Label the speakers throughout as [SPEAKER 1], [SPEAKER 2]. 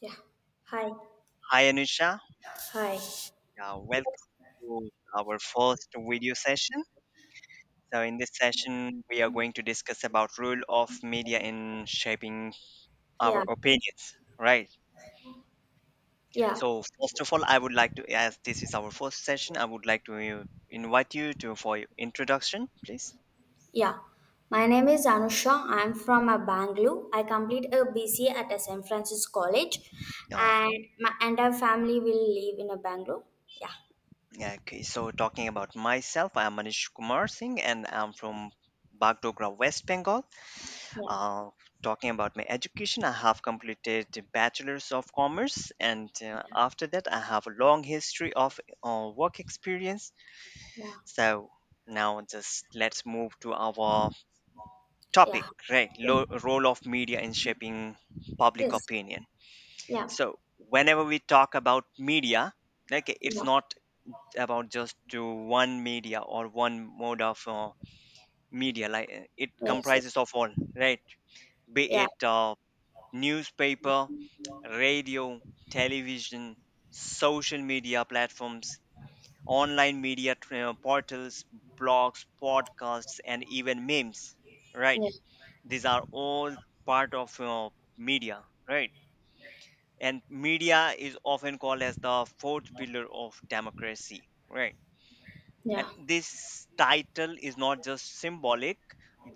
[SPEAKER 1] Yeah. Hi.
[SPEAKER 2] Hi Anusha,
[SPEAKER 1] Hi.
[SPEAKER 2] yeah, welcome to our first video session. So in this session, we are going to discuss about role of media in shaping our
[SPEAKER 1] Yeah.
[SPEAKER 2] opinions, right?
[SPEAKER 1] Yeah.
[SPEAKER 2] So first of all, I would like to, as this is our first session, I would like to invite you to for your introduction, please.
[SPEAKER 1] Yeah. My name is Anusha. I'm from Bangalore. I complete a BCA at a San Francisco College,
[SPEAKER 2] Uh,
[SPEAKER 1] and my entire family will live in a Bangalore. Yeah.
[SPEAKER 2] okay, so talking about myself, I am Manish Kumar Singh, and I'm from Bagdogra, West Bengal.
[SPEAKER 1] Yeah.
[SPEAKER 2] Uh, talking about my education, I have completed Bachelor's of Commerce, and after that, I have a long history of work experience.
[SPEAKER 1] Yeah.
[SPEAKER 2] So now, just let's move to our
[SPEAKER 1] Yeah.
[SPEAKER 2] topic, right?
[SPEAKER 1] Yeah.
[SPEAKER 2] Role of media in shaping public
[SPEAKER 1] Yes.
[SPEAKER 2] opinion.
[SPEAKER 1] Yeah.
[SPEAKER 2] So whenever we talk about media, like it's
[SPEAKER 1] Yeah.
[SPEAKER 2] not about just to one media or one mode of media. Like it
[SPEAKER 1] Yes.
[SPEAKER 2] comprises
[SPEAKER 1] Yes.
[SPEAKER 2] of all, right? Be
[SPEAKER 1] Yeah.
[SPEAKER 2] it newspaper, radio, television, social media platforms, online media portals, blogs, podcasts, and even memes. Right?
[SPEAKER 1] Yeah.
[SPEAKER 2] These are all part of media, right? And media is often called as the fourth pillar of democracy, right?
[SPEAKER 1] Yeah.
[SPEAKER 2] And
[SPEAKER 1] Yeah.
[SPEAKER 2] this title is not just symbolic,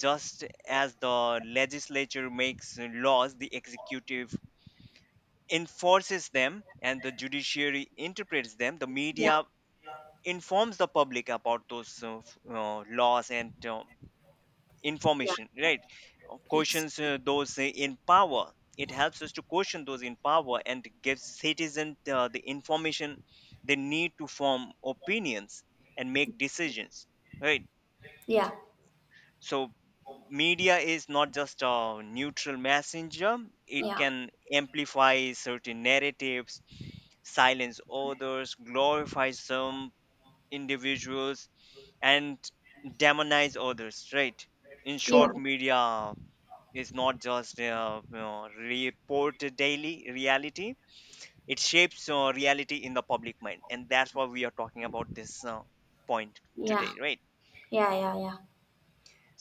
[SPEAKER 2] just as the legislature makes laws, the executive enforces them and the judiciary interprets them, the
[SPEAKER 1] Yeah.
[SPEAKER 2] media informs the public about those laws and information, right? Uh,
[SPEAKER 1] Yes.
[SPEAKER 2] questions uh, those in power. It helps us to question those in power and gives citizens the information they need to form opinions and make decisions, right?
[SPEAKER 1] Yeah.
[SPEAKER 2] So media is not just a neutral messenger. It
[SPEAKER 1] Yeah.
[SPEAKER 2] can amplify certain narratives, silence others, glorify some individuals, and demonize others, right? In
[SPEAKER 1] Yeah.
[SPEAKER 2] short, media is not just reported daily reality. It shapes reality in the public mind, and that's why we are talking about this point
[SPEAKER 1] Yeah.
[SPEAKER 2] today, right?
[SPEAKER 1] Yeah. Yeah. Yeah.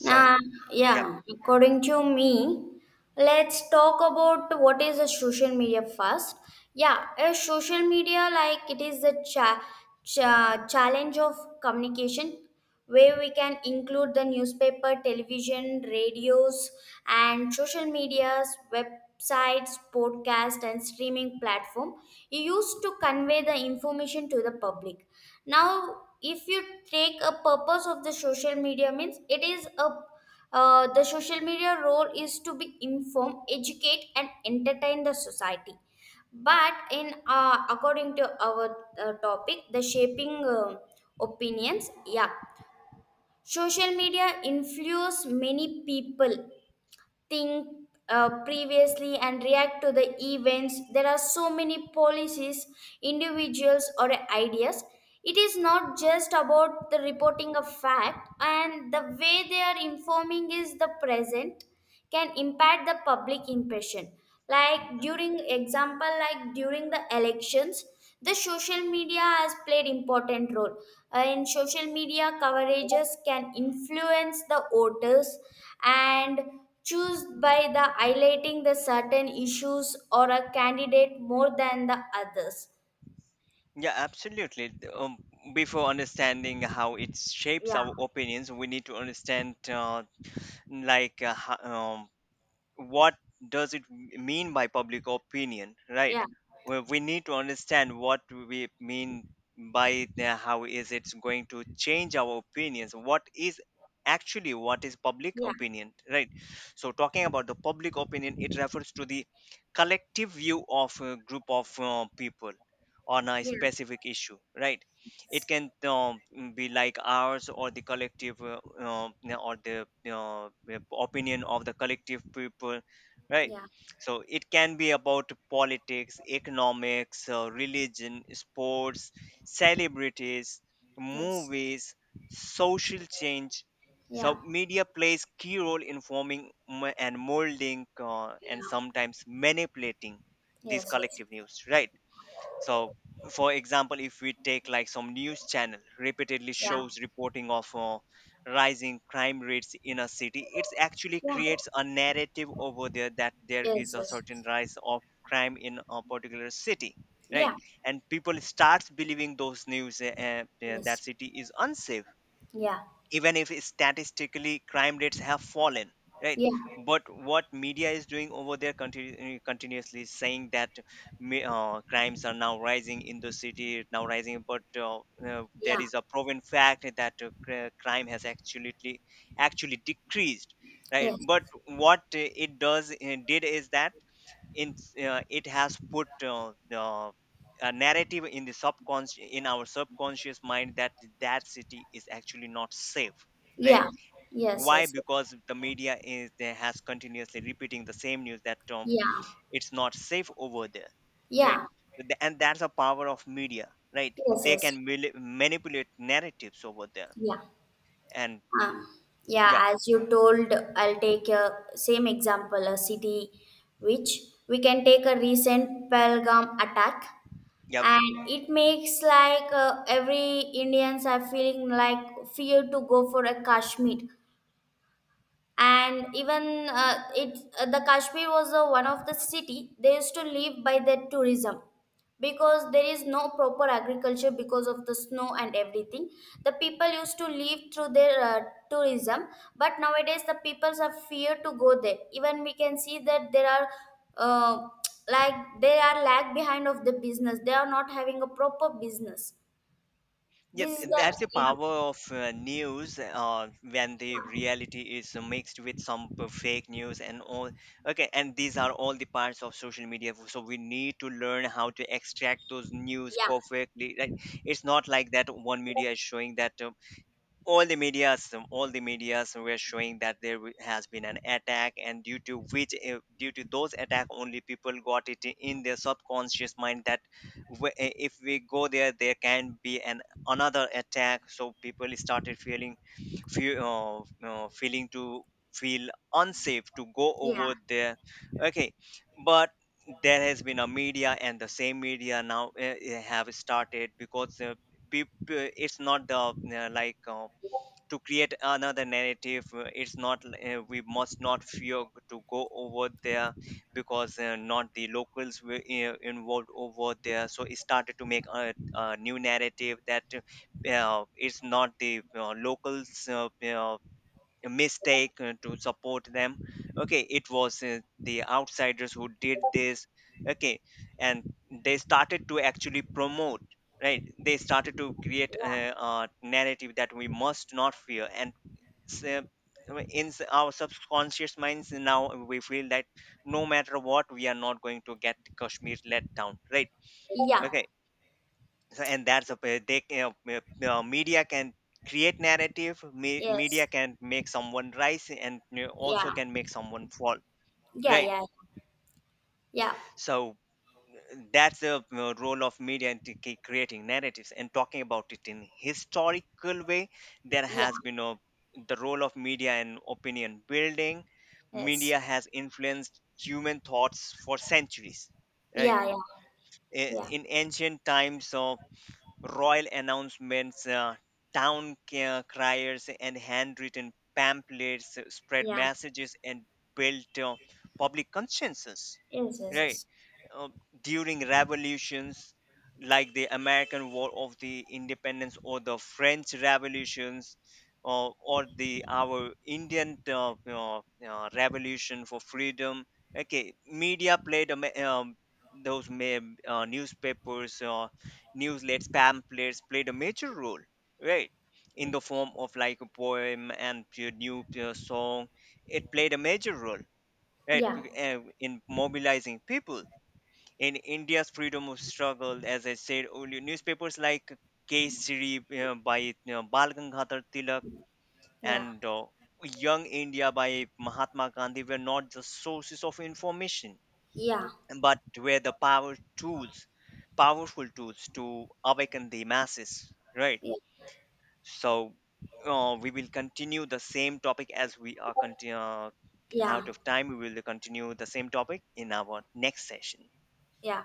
[SPEAKER 1] Nah,
[SPEAKER 2] yep.
[SPEAKER 1] yeah, according to me, let's talk about what is a social media first. Yeah, a social media, like, it is a challenge of communication where we can include the newspaper, television, radios, and social medias, websites, podcast, and streaming platform used to convey the information to the public. Now, if you take a purpose of the social media means it is a, the social media role is to be inform, educate and entertain the society. But in according to our topic, the shaping opinions, yeah, social media influence many people think previously and react to the events. There are so many policies, individuals, or ideas. It is not just about the reporting of fact, and the way they are informing is the present can impact the public impression. Like,
[SPEAKER 2] Mm-hmm.
[SPEAKER 1] during example, like during the elections, the social media has played important role. In social media coverages can influence the voters and choose by the highlighting the certain issues or a candidate more than the others.
[SPEAKER 2] Yeah, absolutely. Before understanding how it shapes
[SPEAKER 1] Yeah.
[SPEAKER 2] our opinions, we need to understand, like, uh, ho- um, what does it mean by public opinion, right?
[SPEAKER 1] Yeah.
[SPEAKER 2] Well, we need to understand what we mean by the, how is it going to change our opinions, what is actually, what is public
[SPEAKER 1] Yeah.
[SPEAKER 2] opinion, right? So talking about the public opinion, it refers to the collective view of a group of people on a
[SPEAKER 1] Yeah.
[SPEAKER 2] specific issue, right? It can be like ours or the collective or the opinion of the collective people, right?
[SPEAKER 1] Yeah.
[SPEAKER 2] So it can be about politics, economics, religion, sports, celebrities,
[SPEAKER 1] Yes.
[SPEAKER 2] movies, social change.
[SPEAKER 1] Yeah.
[SPEAKER 2] So media plays key role in forming and molding and
[SPEAKER 1] Yeah.
[SPEAKER 2] sometimes manipulating these
[SPEAKER 1] Yes. Yes.
[SPEAKER 2] collective news, right? So for example, if we take like some news channel repeatedly
[SPEAKER 1] Yeah.
[SPEAKER 2] shows reporting of rising crime rates in a city, it's actually
[SPEAKER 1] Yeah.
[SPEAKER 2] creates a narrative over there that there is
[SPEAKER 1] Yes.
[SPEAKER 2] a
[SPEAKER 1] Yes.
[SPEAKER 2] certain rise of crime in a particular city, right?
[SPEAKER 1] Yeah.
[SPEAKER 2] And people starts believing those news that
[SPEAKER 1] Yes.
[SPEAKER 2] city is unsafe,
[SPEAKER 1] Yeah.
[SPEAKER 2] even if statistically crime rates have fallen, right?
[SPEAKER 1] Yeah.
[SPEAKER 2] But what media is doing over there continuously is saying that crimes are now rising in the city, now rising, but there
[SPEAKER 1] Yeah.
[SPEAKER 2] is a proven fact that crime has actually decreased, right?
[SPEAKER 1] Yes.
[SPEAKER 2] But what it does did is that, in it has put a narrative in the subconscious, in our subconscious mind that that city is actually not safe, right?
[SPEAKER 1] Yeah. Yes.
[SPEAKER 2] Why?
[SPEAKER 1] Yes.
[SPEAKER 2] Because the media is there, has continuously repeating the same news that
[SPEAKER 1] Yeah.
[SPEAKER 2] it's not safe over there, right?
[SPEAKER 1] Yeah.
[SPEAKER 2] So and that's a power of media, right?
[SPEAKER 1] Yes.
[SPEAKER 2] They
[SPEAKER 1] Yes.
[SPEAKER 2] can manipulate narratives over there.
[SPEAKER 1] Yeah.
[SPEAKER 2] And
[SPEAKER 1] Um, yeah,
[SPEAKER 2] yeah,
[SPEAKER 1] as you told, I'll take a same example, a city which we can take a recent Pelgam attack,
[SPEAKER 2] yeah.
[SPEAKER 1] and it makes like every Indians are feeling like fear to go for a Kashmir. And even it the kashmir was one of the city they used to live by their tourism, because there is no proper agriculture because of the snow and everything. The people used to live through their tourism, but nowadays the peoples are fear to go there. Even we can see that there are uh, like they are lag behind of the business, they are not having a proper business.
[SPEAKER 2] Yeah,
[SPEAKER 1] This is the.
[SPEAKER 2] that's the
[SPEAKER 1] Yeah.
[SPEAKER 2] power of news when the reality is mixed with some fake news and all. Okay, and these are all the parts of social media. So we need to learn how to extract those news
[SPEAKER 1] Yeah.
[SPEAKER 2] perfectly. Like it's not like that one media is showing that all the medias, all the medias were showing that there has been an attack, and due to which due to those attack only, people got it in their subconscious mind that if we go there, there can be an another attack. So people started feeling, fe- feeling to feel unsafe to go
[SPEAKER 1] Yeah.
[SPEAKER 2] over there. Okay, but there has been a media, and the same media now have started, because people, it's not the to create another narrative, it's not we must not fear to go over there, because not the locals were involved over there. So it started to make a new narrative that it's not the locals a mistake to support them. Okay, it was the outsiders who did this. Okay, and they started to actually promote, right? They started to create
[SPEAKER 1] Yeah.
[SPEAKER 2] a narrative that we must not fear. And in our subconscious minds now, we feel that no matter what, we are not going to get kashmir let down, right?
[SPEAKER 1] Yeah.
[SPEAKER 2] Okay, so and that's a media can create narrative. Media
[SPEAKER 1] Yes.
[SPEAKER 2] can make someone rise, and you know, also
[SPEAKER 1] Yeah.
[SPEAKER 2] can make someone fall,
[SPEAKER 1] Yeah,
[SPEAKER 2] right?
[SPEAKER 1] yeah, yeah,
[SPEAKER 2] So that's the role of media in creating narratives. And talking about it in historical way, there
[SPEAKER 1] yeah,
[SPEAKER 2] has been a, the role of media in opinion building.
[SPEAKER 1] yes,
[SPEAKER 2] Media has influenced human thoughts for centuries, right?
[SPEAKER 1] yeah, yeah, yeah,
[SPEAKER 2] In ancient times, so royal announcements, town criers, and handwritten pamphlets spread
[SPEAKER 1] yeah,
[SPEAKER 2] messages and built public consensus.
[SPEAKER 1] yes, yes,
[SPEAKER 2] Right.
[SPEAKER 1] yes,
[SPEAKER 2] Uh, During revolutions like the American War of the Independence or the French revolutions, or the our Indian revolution for freedom. Okay, media played a those ma- newspapers, newsletters, pamphlets played a major role, right? In the form of like a poem and a new song, it played a major role, right?
[SPEAKER 1] yeah,
[SPEAKER 2] In mobilizing people in India's freedom of struggle, as I said earlier, newspapers like Kesari by, you know, Bal Gangadhar Tilak
[SPEAKER 1] yeah,
[SPEAKER 2] and Young India by Mahatma Gandhi were not just sources of information,
[SPEAKER 1] yeah,
[SPEAKER 2] but were the powerful tools to awaken the masses, right?
[SPEAKER 1] yeah,
[SPEAKER 2] So we will continue the same topic. As we are continue, out
[SPEAKER 1] yeah,
[SPEAKER 2] of time, we will continue the same topic in our next session.
[SPEAKER 1] yeah.